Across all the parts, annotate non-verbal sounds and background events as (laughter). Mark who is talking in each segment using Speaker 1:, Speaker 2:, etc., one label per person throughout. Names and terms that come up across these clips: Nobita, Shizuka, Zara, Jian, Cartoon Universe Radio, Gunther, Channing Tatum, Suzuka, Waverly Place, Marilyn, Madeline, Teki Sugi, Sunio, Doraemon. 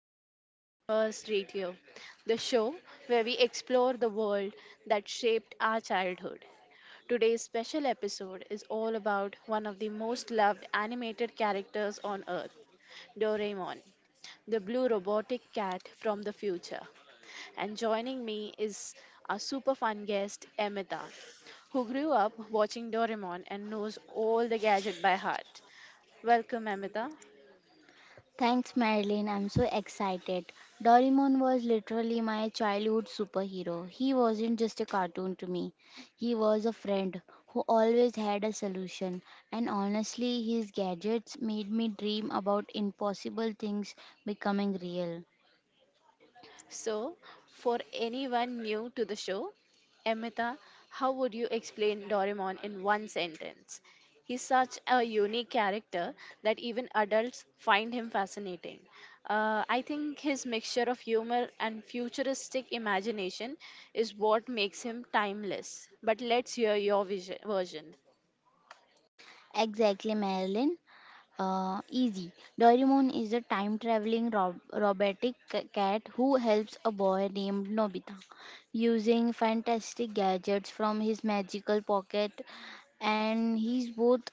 Speaker 1: to Cartoon Universe Radio, the show where we explore the world that shaped our childhood. Today's special episode is all about one of the most loved animated characters on earth, Doraemon, the blue robotic cat from the future. And joining me is our super fun guest, Emita, who grew up watching Doraemon and knows all the gadget by heart. Welcome, Amita.
Speaker 2: Thanks, Madeline. I'm so excited. Doraemon was literally my childhood superhero. He wasn't just a cartoon to me, he was a friend who always had a solution. And honestly, his gadgets made me dream about impossible things becoming real.
Speaker 1: So, for anyone new to the show, Amita, how would you explain Doraemon in one sentence? He's such a unique character that even adults find him fascinating. I think his mixture of humor and futuristic imagination is what makes him timeless. But let's hear your vision, version.
Speaker 2: Exactly, Marilyn. Easy. Doraemon is a time traveling robotic cat who helps a boy named Nobita using fantastic gadgets from his magical pocket, and he's both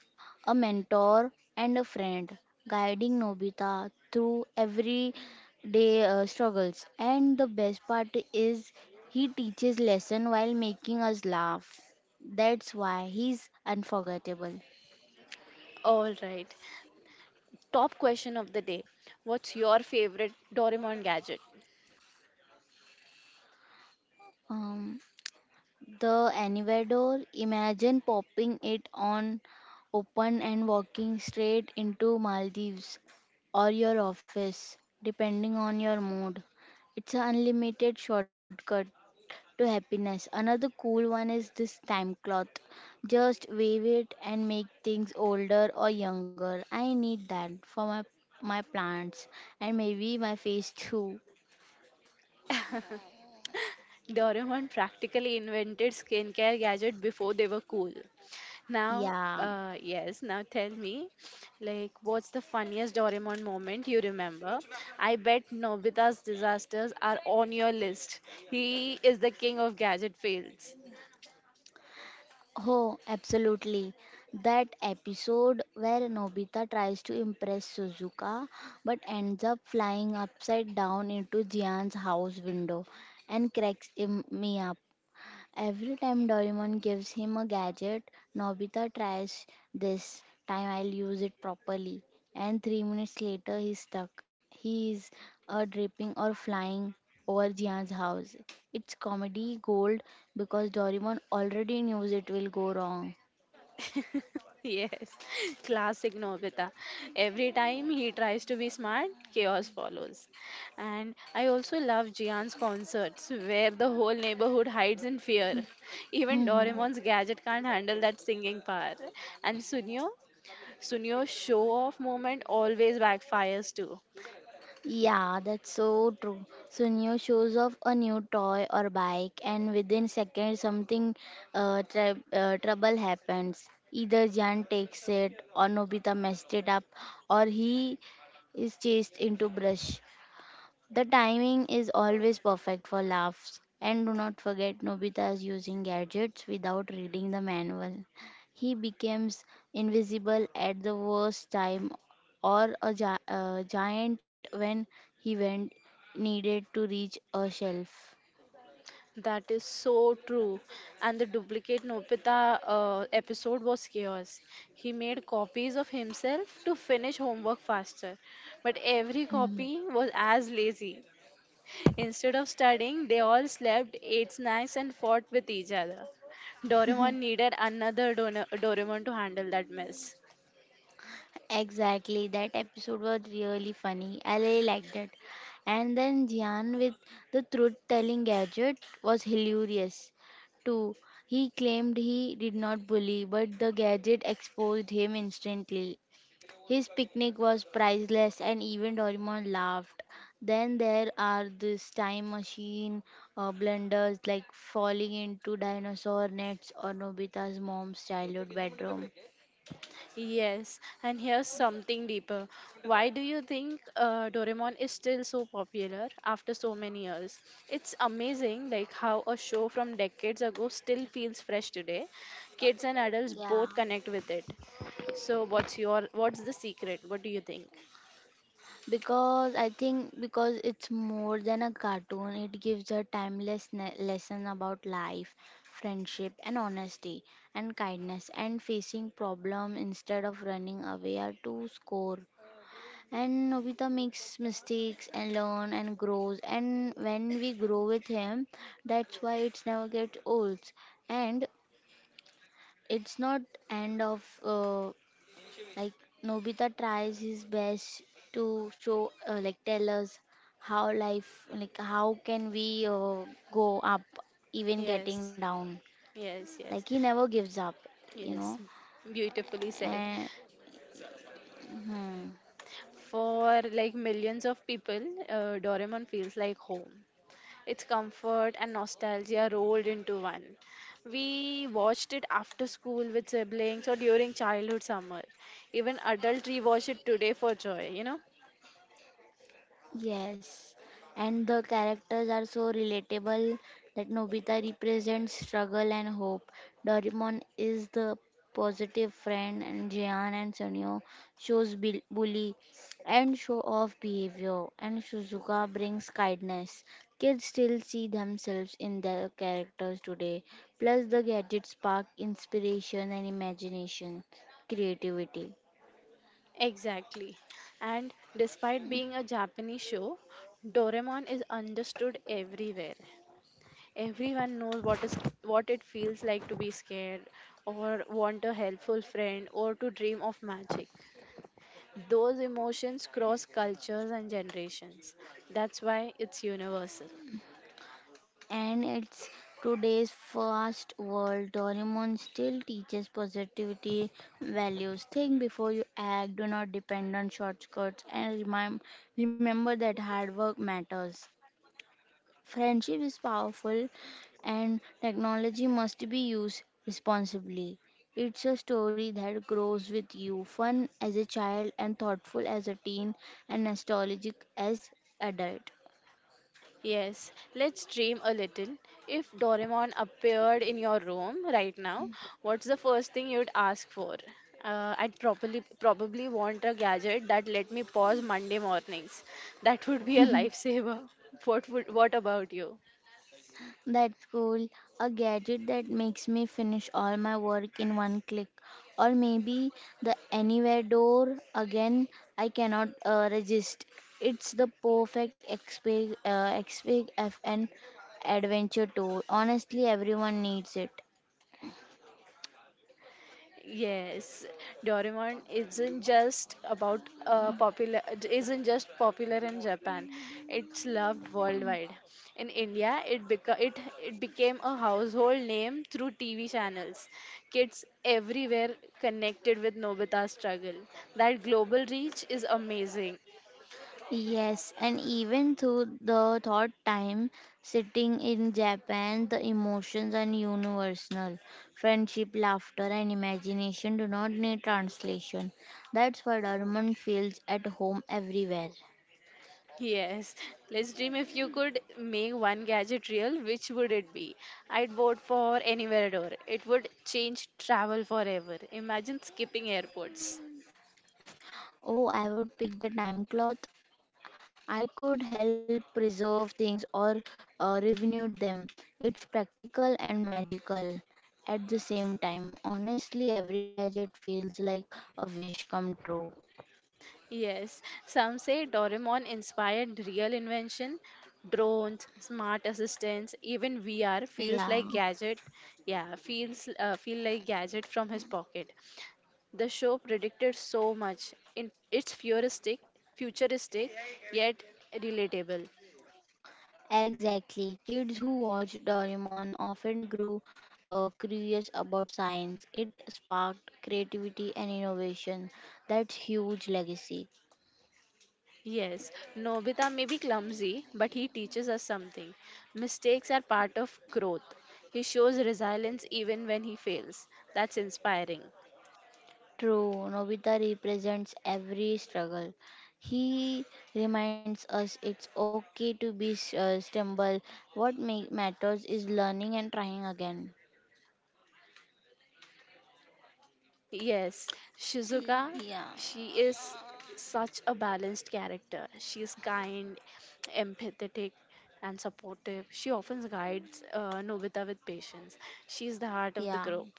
Speaker 2: a mentor and a friend, guiding Nobita through everyday struggles. And the best part is he teaches lesson while making us laugh. That's why he's unforgettable.
Speaker 1: All right. Top question of the day. What's your favorite Doraemon gadget?
Speaker 2: Um, The anywhere door, imagine popping it on open and walking straight into Maldives or your office, depending on your mood. It's an unlimited shortcut to happiness. Another cool one is this time cloth. Just wave it and make things older or younger. I need that for my plants and maybe my face too.
Speaker 1: Doraemon practically invented skincare gadget before they were cool. Now,
Speaker 2: Yeah.
Speaker 1: yes, now tell me, like, what's the funniest Doraemon moment you remember? I bet Nobita's disasters are on your list. He is the king of gadget fails.
Speaker 2: Oh, absolutely. That episode where Nobita tries to impress Suzuka but ends up flying upside down into Jian's house window and cracks him. Every time Doraemon gives him a gadget, Nobita tries this time I'll use it properly. And 3 minutes later, he's stuck. He is dripping or flying over Jian's house. It's comedy gold because Doraemon already knows it will go wrong.
Speaker 1: (laughs) Yes, classic Nobita. Every time he tries to be smart, chaos follows. And I also love Jian's concerts where the whole neighborhood hides in fear. Even Doraemon's
Speaker 2: (laughs)
Speaker 1: gadget can't handle that singing power. And Sunio, Sunio's show off moment always backfires too.
Speaker 2: Yeah, that's so true. So new shows off a new toy or bike, and within seconds something trouble happens. Either Jan takes it, or Nobita messed it up, or he is chased into brush. The timing is always perfect for laughs. And do not forget Nobita's using gadgets without reading the manual. He becomes invisible at the worst time or a giant when he went needed to reach a shelf.
Speaker 1: That is so true. And the duplicate Nobita episode was chaos. He made copies of himself to finish homework faster, but every copy was as lazy. Instead of studying, they all slept, ate snacks, and fought with each other. Doraemon needed another Doraemon to handle that mess.
Speaker 2: Exactly, that episode was really funny. I really liked it. And then Jian with the truth telling gadget was hilarious too. He claimed he did not bully, but the gadget exposed him instantly. His picnic was priceless, and even Doraemon laughed. Then there are this time machine blunders like falling into dinosaur nets or Nobita's mom's childhood bedroom.
Speaker 1: Yes, and here's something deeper. Why do you think Doraemon is still so popular after so many years? It's amazing like how a show from decades ago still feels fresh today. Kids and adults
Speaker 2: Yeah.
Speaker 1: both connect with it. So what's the secret? What do you think?
Speaker 2: Because I think because it's more than a cartoon, it gives a timeless lesson about life, friendship, and honesty, and kindness, and facing problem instead of running away are to score. And Nobita makes mistakes and learn and grows, and when we grow with him, that's why it's never gets old, and it's not end of like Nobita tries his best to show, like, tell us how life, like, how can we go up, even getting
Speaker 1: Yes.
Speaker 2: down.
Speaker 1: Yes,
Speaker 2: Like
Speaker 1: yes.
Speaker 2: he never gives up, you
Speaker 1: Yes,
Speaker 2: know.
Speaker 1: beautifully said.
Speaker 2: And hmm.
Speaker 1: For like millions of people, Doraemon feels like home. It's comfort and nostalgia rolled into one. We watched it after school with siblings or during childhood summer. Even adult rewatch it today for joy, you know?
Speaker 2: Yes, and the characters are so relatable that Nobita represents struggle and hope. Doraemon is the positive friend, and Jian and Sunio shows bully and show off behavior, and Shizuka brings kindness. Kids still see themselves in their characters today. Plus, the gadgets spark inspiration and imagination, creativity.
Speaker 1: Exactly. And despite being a Japanese show, Doraemon is understood everywhere. Everyone knows what it feels like to be scared or want a helpful friend or to dream of magic. Those emotions cross cultures and generations. That's why it's universal.
Speaker 2: And it's today's fast world. Doraemon still teaches positivity values. Think before you act. Do not depend on shortcuts. And remember that hard work matters. Friendship is powerful, and technology must be used responsibly. It's a story that grows with you, fun as a child and thoughtful as a teen, and nostalgic as adult.
Speaker 1: Yes, let's dream a little. If Doraemon appeared in your room right now, what's the first thing you'd ask for? I'd probably want a gadget that let me pause Monday mornings. That would be a lifesaver. (laughs) What about you?
Speaker 2: That's cool. A gadget that makes me finish all my work in one click. Or maybe the anywhere door again I cannot resist. It's the perfect exp XP FN adventure tool. Honestly, everyone needs it.
Speaker 1: Yes, Doraemon isn't just popular in Japan. It's loved worldwide. In India, it became a household name through TV channels. Kids everywhere connected with Nobita's struggle. That global reach is amazing.
Speaker 2: Yes, and even through the third time sitting in Japan, the emotions are universal. Friendship, laughter, and imagination do not need translation. That's why Dorman feels at home everywhere.
Speaker 1: Yes, let's dream if you could make one gadget real, which would it be? I'd vote for anywhere door. It would change travel forever. Imagine skipping airports.
Speaker 2: Oh, I would pick the time cloth. I could help preserve things or renew them. It's practical and magical at the same time. Honestly, every gadget feels like a wish come true.
Speaker 1: Yes, some say Doraemon inspired real invention. Drones, smart assistants, even VR feels
Speaker 2: Yeah.
Speaker 1: like gadget. Yeah, feels feel like gadget from his pocket. The show predicted so much. It's futuristic, yet relatable.
Speaker 2: Exactly. Kids who watched Doraemon often grew curious about science. It sparked creativity and innovation. That's huge legacy.
Speaker 1: Yes, Nobita may be clumsy, but he teaches us something. Mistakes are part of growth. He shows resilience even when he fails. That's inspiring.
Speaker 2: True, Nobita represents every struggle. He reminds us it's okay to be stumble. What matters is learning and trying again.
Speaker 1: Yes, Shizuka,
Speaker 2: Yeah.
Speaker 1: she is such a balanced character. She is kind, empathetic, and supportive. She often guides Nobita with patience. She is the heart of the
Speaker 2: Yeah.
Speaker 1: group.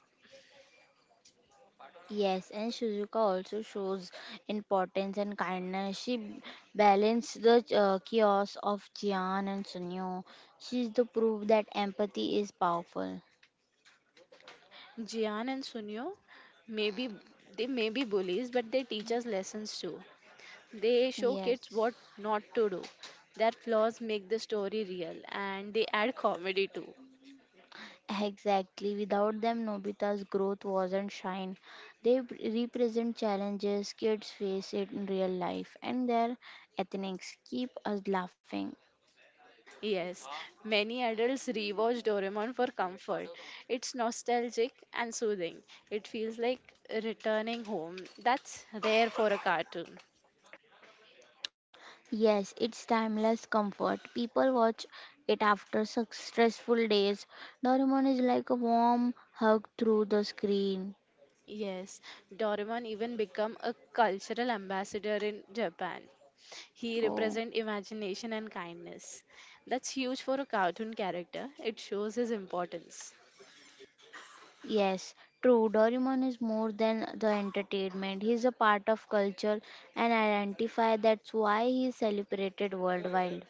Speaker 2: Yes, and Shizuka also shows importance and kindness. She balanced the chaos of Jian and Sunyo. She's the proof that empathy is powerful.
Speaker 1: Jian and Sunio, maybe they may be bullies, but they teach us lessons too. They show
Speaker 2: Yes,
Speaker 1: kids what not to do. Their flaws make the story real and they add comedy too.
Speaker 2: exactly. Without them, Nobita's growth wasn't shine. They represent challenges kids face it in real life, and their ethnics keep us laughing.
Speaker 1: Yes, many adults rewatch Doraemon for comfort. It's nostalgic and soothing. It feels like returning home. That's rare for a cartoon.
Speaker 2: Yes, it's timeless comfort. People watch it after such stressful days. Doraemon is like a warm hug through the screen.
Speaker 1: Yes, Doraemon even became a cultural ambassador in Japan. He
Speaker 2: Oh,
Speaker 1: represents imagination and kindness. That's huge for a cartoon character. It shows his importance.
Speaker 2: yes, true. Doraemon is more than the entertainment. He's a part of culture and identify. That's why he's celebrated worldwide.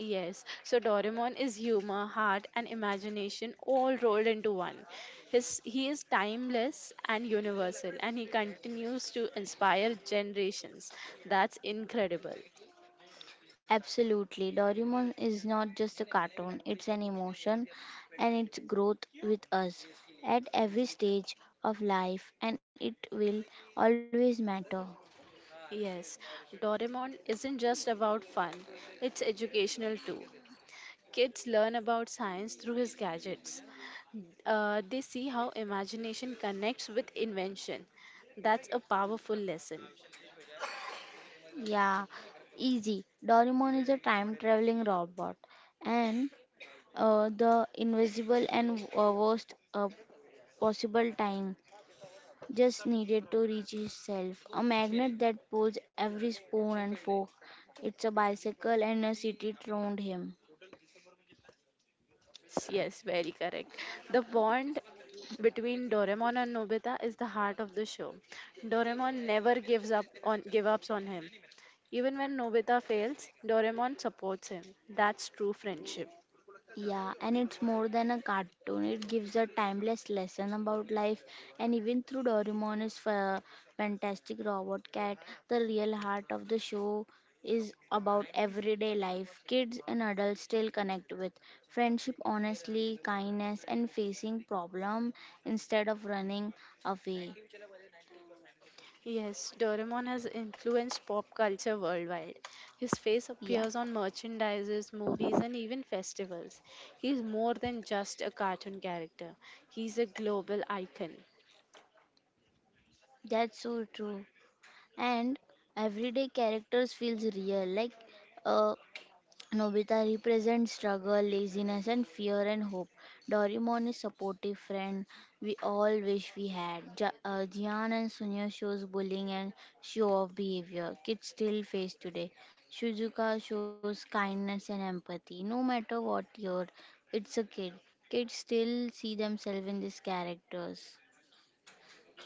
Speaker 1: Yes, so Doraemon is humor, heart, and imagination all rolled into one. He is timeless and universal, and he continues to inspire generations. That's incredible.
Speaker 2: Absolutely. Doraemon is not just a cartoon, it's an emotion and its growth with us at every stage of life and it will always matter.
Speaker 1: Yes, Doraemon isn't just about fun, it's educational too. Kids learn about science through his gadgets. They see how imagination connects with invention. That's a powerful lesson.
Speaker 2: Yeah, easy. Doraemon is a time traveling robot and the invisible and worst possible time just needed to reach his self. A magnet that pulls every spoon and fork. It's a bicycle and a city around him.
Speaker 1: Yes, yes, very correct. The bond between Doraemon and Nobita is the heart of the show. Doraemon never gives up on give ups on him. Even when Nobita fails, Doraemon supports him. That's true friendship.
Speaker 2: Yeah, and it's more than a cartoon. It gives a timeless lesson about life, and even through Doraemon is fantastic robot cat. The real heart of the show is about everyday life. Kids and adults still connect with friendship, honestly, kindness, and facing problem instead of running away.
Speaker 1: Yes, Doraemon has influenced pop culture worldwide. His face
Speaker 2: Yeah,
Speaker 1: appears on merchandises, movies, and even festivals. He's more than just a cartoon character. He's a global icon.
Speaker 2: that's so true. And everyday characters feels real, like uh, Nobita represents struggle, laziness, and fear and hope. Doraemon is supportive friend we all wish we had. Jian and Sunya shows bullying and show off behavior kids still face today. Shizuka shows kindness and empathy. No matter what year, it's a kid. Kids still see themselves in these characters.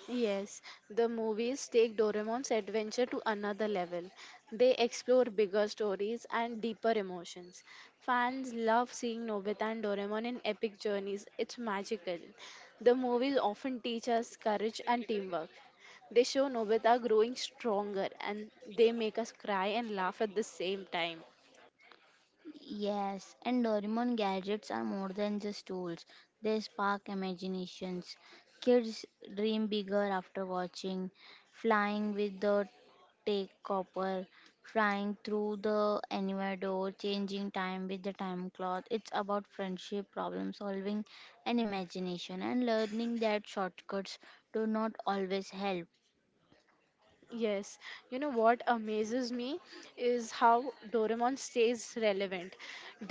Speaker 1: Yes, the movies take Doraemon's adventure to another level. They explore bigger stories and deeper emotions. Fans love seeing Nobita and Doraemon in epic journeys. It's magical. The movies often teach us courage and teamwork. They show Nobita growing stronger, and they make us cry and laugh at the same time.
Speaker 2: Yes, and Doraemon gadgets are more than just tools. They spark imaginations. Kids dream bigger after watching, flying with the take copper, flying through the anywhere door, changing time with the time cloth. It's about friendship, problem solving, and imagination, and learning that shortcuts do not always help.
Speaker 1: Yes, you know what amazes me is how Doraemon stays relevant.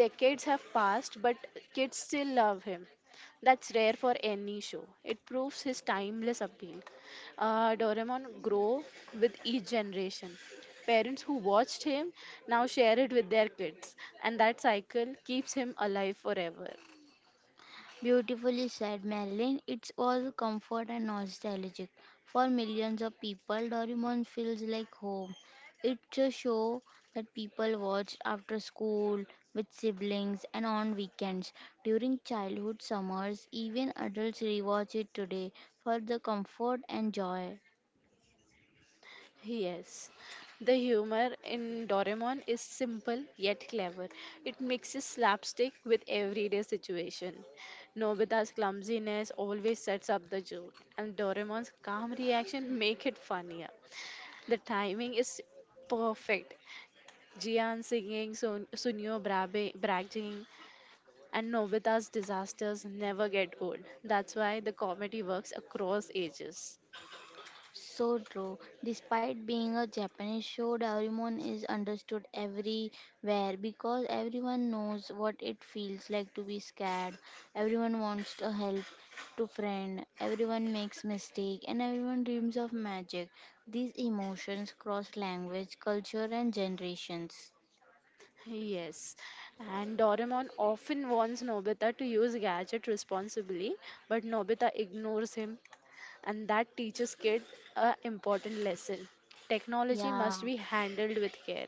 Speaker 1: Decades have passed, but kids still love him. That's rare for any show. It proves his timeless appeal. Doraemon grow with each generation. Parents who watched him now share it with their kids, and that cycle keeps him alive forever.
Speaker 2: Beautifully said, Marilyn. It's all comfort and nostalgic. For millions of people, Doraemon feels like home. It's a show that people watched after school, with siblings, and on weekends. During childhood summers, even adults rewatch it today for the comfort and joy.
Speaker 1: Yes, the humor in Doraemon is simple yet clever. It mixes slapstick with everyday situation. Nobita's clumsiness always sets up the joke, and Doraemon's calm reaction make it funnier. The timing is perfect. Jian singing, Sunio bragging, and Nobita's disasters never get old. That's why the comedy works across ages.
Speaker 2: So true. Despite being a Japanese show, Doraemon is understood everywhere because everyone knows what it feels like to be scared. Everyone wants to help to friend. Everyone makes mistake and everyone dreams of magic. These emotions cross language, culture and generations.
Speaker 1: Yes, and Doraemon often warns Nobita to use gadget responsibly, but Nobita ignores him, and that teaches kid a important lesson. Technology
Speaker 2: Yeah.
Speaker 1: must be handled with care.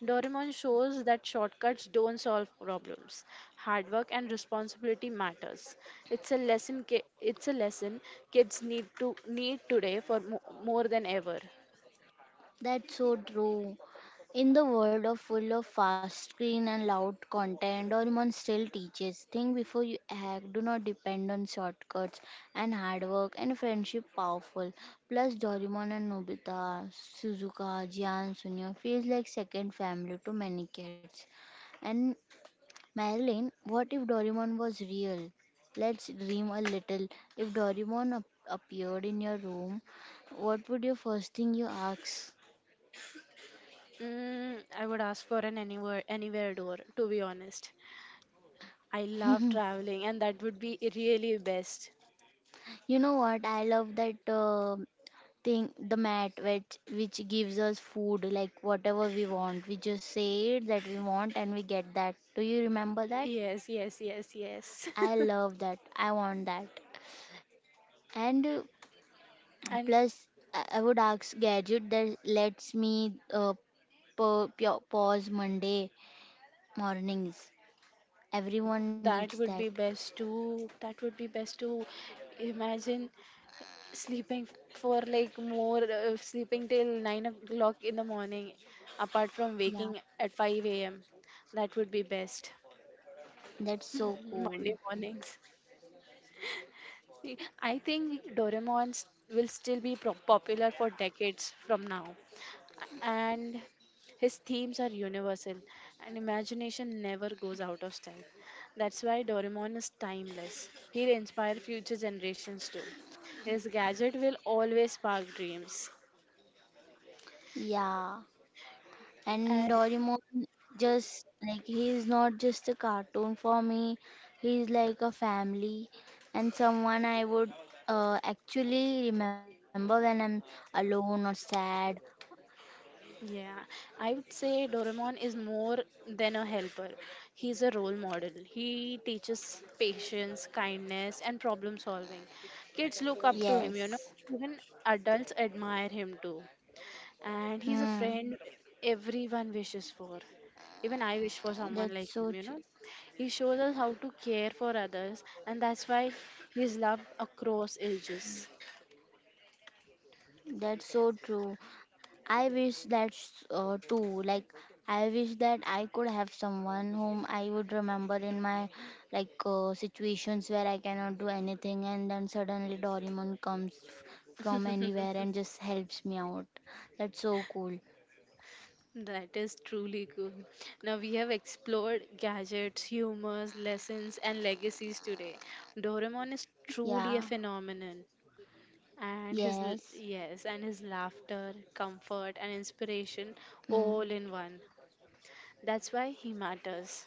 Speaker 1: Doraemon shows that shortcuts don't solve problems. Hard work and responsibility matters. It's a lesson kids need today for more than ever.
Speaker 2: That's so true. In the world of full of fast screen and loud content, Doraemon still teaches. Think before you act. Do not depend on shortcuts and hard work and friendship powerful. Plus, Doraemon and Nobita, Suzuka, Jian, Sunya feels like second family to many kids. And Marilyn, what if Doraemon was real? Let's dream a little. If Doraemon appeared in your room, what would your first thing you ask? (clears throat)
Speaker 1: Mm, I would ask for an anywhere door to be honest. I love
Speaker 2: (laughs)
Speaker 1: traveling, and that would be really best.
Speaker 2: You know what? I love that thing, the mat, which gives us food, like whatever we want. We just say it that we want, and we get that. Do you remember that?
Speaker 1: Yes, yes, yes, yes.
Speaker 2: I
Speaker 1: (laughs)
Speaker 2: love that. I want that. And
Speaker 1: And
Speaker 2: plus, I would ask gadget that lets me pause Monday mornings. Everyone needs
Speaker 1: that
Speaker 2: that.
Speaker 1: would be best too. That would be best to imagine sleeping for like more, sleeping till 9 o'clock in the morning, apart from
Speaker 2: Yeah,
Speaker 1: waking at 5 a.m. That would be best.
Speaker 2: that's so cool.
Speaker 1: Monday mornings. I think Doraemon will still be popular for decades from now, and his themes are universal and imagination never goes out of style. That's why Doraemon is timeless. He'll inspire future generations too. His gadget will always spark dreams.
Speaker 2: Yeah. And
Speaker 1: And
Speaker 2: Doraemon just like he is not just a cartoon for me. He is like a family and someone I would actually remember when I'm alone or sad.
Speaker 1: yeah, I would say Doraemon is more than a helper. He's a role model. He teaches patience, kindness, and problem solving. Kids look up to him, you know.
Speaker 2: Yes.
Speaker 1: Even adults admire him too, and he's a
Speaker 2: Hmm.
Speaker 1: friend everyone wishes for. Even I wish for someone
Speaker 2: That's
Speaker 1: like
Speaker 2: so
Speaker 1: him, you
Speaker 2: true.
Speaker 1: know. He shows us how to care for others, and that's why he's loved across ages.
Speaker 2: That's so true. I wish that too. Like, I wish that I could have someone whom I would remember in my like situations where I cannot do anything, and then suddenly Doraemon comes from anywhere and just helps me out. That's so cool.
Speaker 1: That is truly cool. Now we have explored gadgets, humors, lessons, and legacies today. Doraemon is truly a
Speaker 2: Yeah.
Speaker 1: phenomenon. And his,
Speaker 2: Yes.
Speaker 1: yes, and his laughter, comfort, and inspiration all
Speaker 2: Mm.
Speaker 1: in one. That's why he matters.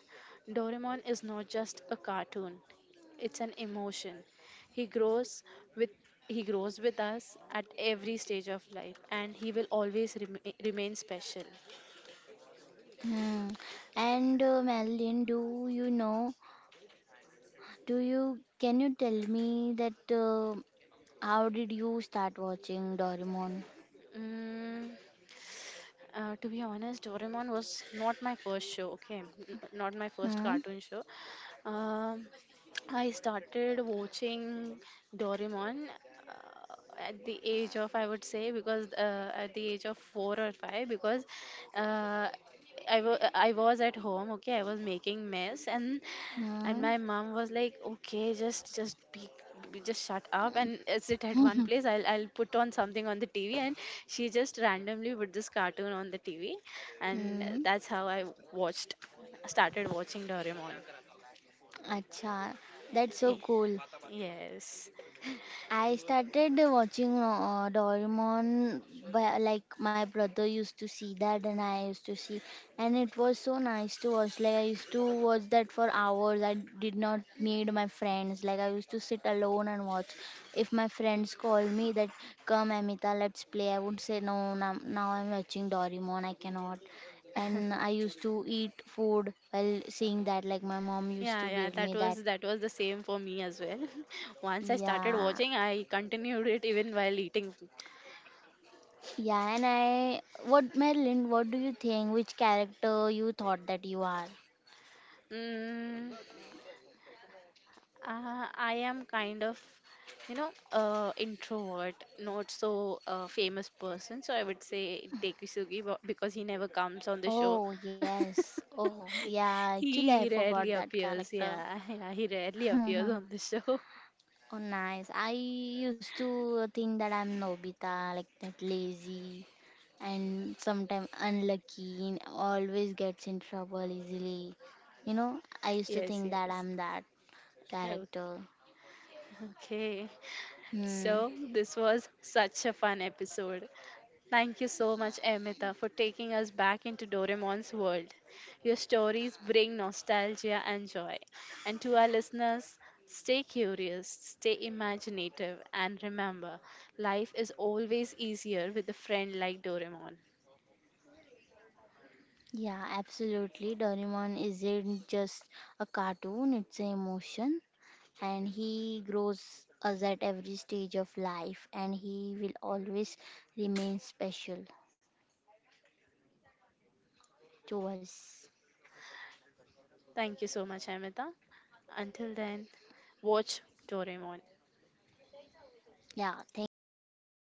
Speaker 1: Doraemon is not just a cartoon. It's an emotion. He grows with he grows with us at every stage of life, and he will always remain special.
Speaker 2: Hmm. And Madeline, do you know? Do you Can you tell me that how did you start watching Doraemon?
Speaker 1: Mm, to be honest, Doraemon was not my first show, okay? Not my first
Speaker 2: Hmm.
Speaker 1: cartoon show. Um, I started watching Doraemon uh, at the age of, I would say, because at the age of four or five, because uh, I was at home, okay, I was making mess and
Speaker 2: Hmm.
Speaker 1: my mom was like, okay, just just shut up and sit at one place.
Speaker 2: (laughs)
Speaker 1: I'll put on something on the TV, and she just randomly put this cartoon on the TV, and
Speaker 2: hmm,
Speaker 1: that's how I watched, started watching Doraemon.
Speaker 2: अच्छा, that's so
Speaker 1: Y-
Speaker 2: cool.
Speaker 1: Yes,
Speaker 2: I started watching Doraemon by, like my brother used to see that and I used to see and it was so nice to watch like I used to watch that for hours I did not meet my friends like I used to sit alone and watch if my friends called me that come Amita let's play I would say no now, now I'm watching Doraemon I cannot and I used to eat food while seeing that like my mom used
Speaker 1: yeah,
Speaker 2: to
Speaker 1: yeah.
Speaker 2: give
Speaker 1: That
Speaker 2: me that
Speaker 1: was that was the same for me as well. (laughs) Once I started
Speaker 2: yeah.
Speaker 1: watching, I continued it even while eating.
Speaker 2: Yeah, and I what Madeline, what do you think? Which character you thought that you are?
Speaker 1: Mm, I am kind of, you know, introvert, not so famous person. So I would say Teki Sugi because he never comes on the show.
Speaker 2: Oh yes. Oh yeah, actually I
Speaker 1: He
Speaker 2: forgot
Speaker 1: rarely
Speaker 2: that
Speaker 1: appears.
Speaker 2: character.
Speaker 1: Yeah, (laughs) yeah, he rarely
Speaker 2: (laughs)
Speaker 1: appears
Speaker 2: oh
Speaker 1: on the show.
Speaker 2: nice. I used to think that I'm Nobita, like that lazy and sometimes unlucky and always gets in trouble easily. You know, I
Speaker 1: (laughs)
Speaker 2: used to
Speaker 1: Yes,
Speaker 2: think that
Speaker 1: yes.
Speaker 2: I'm that
Speaker 1: Oh,
Speaker 2: character.
Speaker 1: okay.
Speaker 2: Hmm.
Speaker 1: So this was such a fun episode. Thank you so much, Amita, for taking us back into Doraemon's world. Your stories bring nostalgia and joy. And to our listeners, stay curious, stay imaginative, and remember, life is always easier with a friend like Doraemon.
Speaker 2: Yeah, absolutely. Doraemon isn't just a cartoon, it's an emotion, and he grows us at every stage of life, and he will always remain special to us.
Speaker 1: Thank you so much, Amita. Until then, watch Doraemon.
Speaker 2: Yeah, thank you for having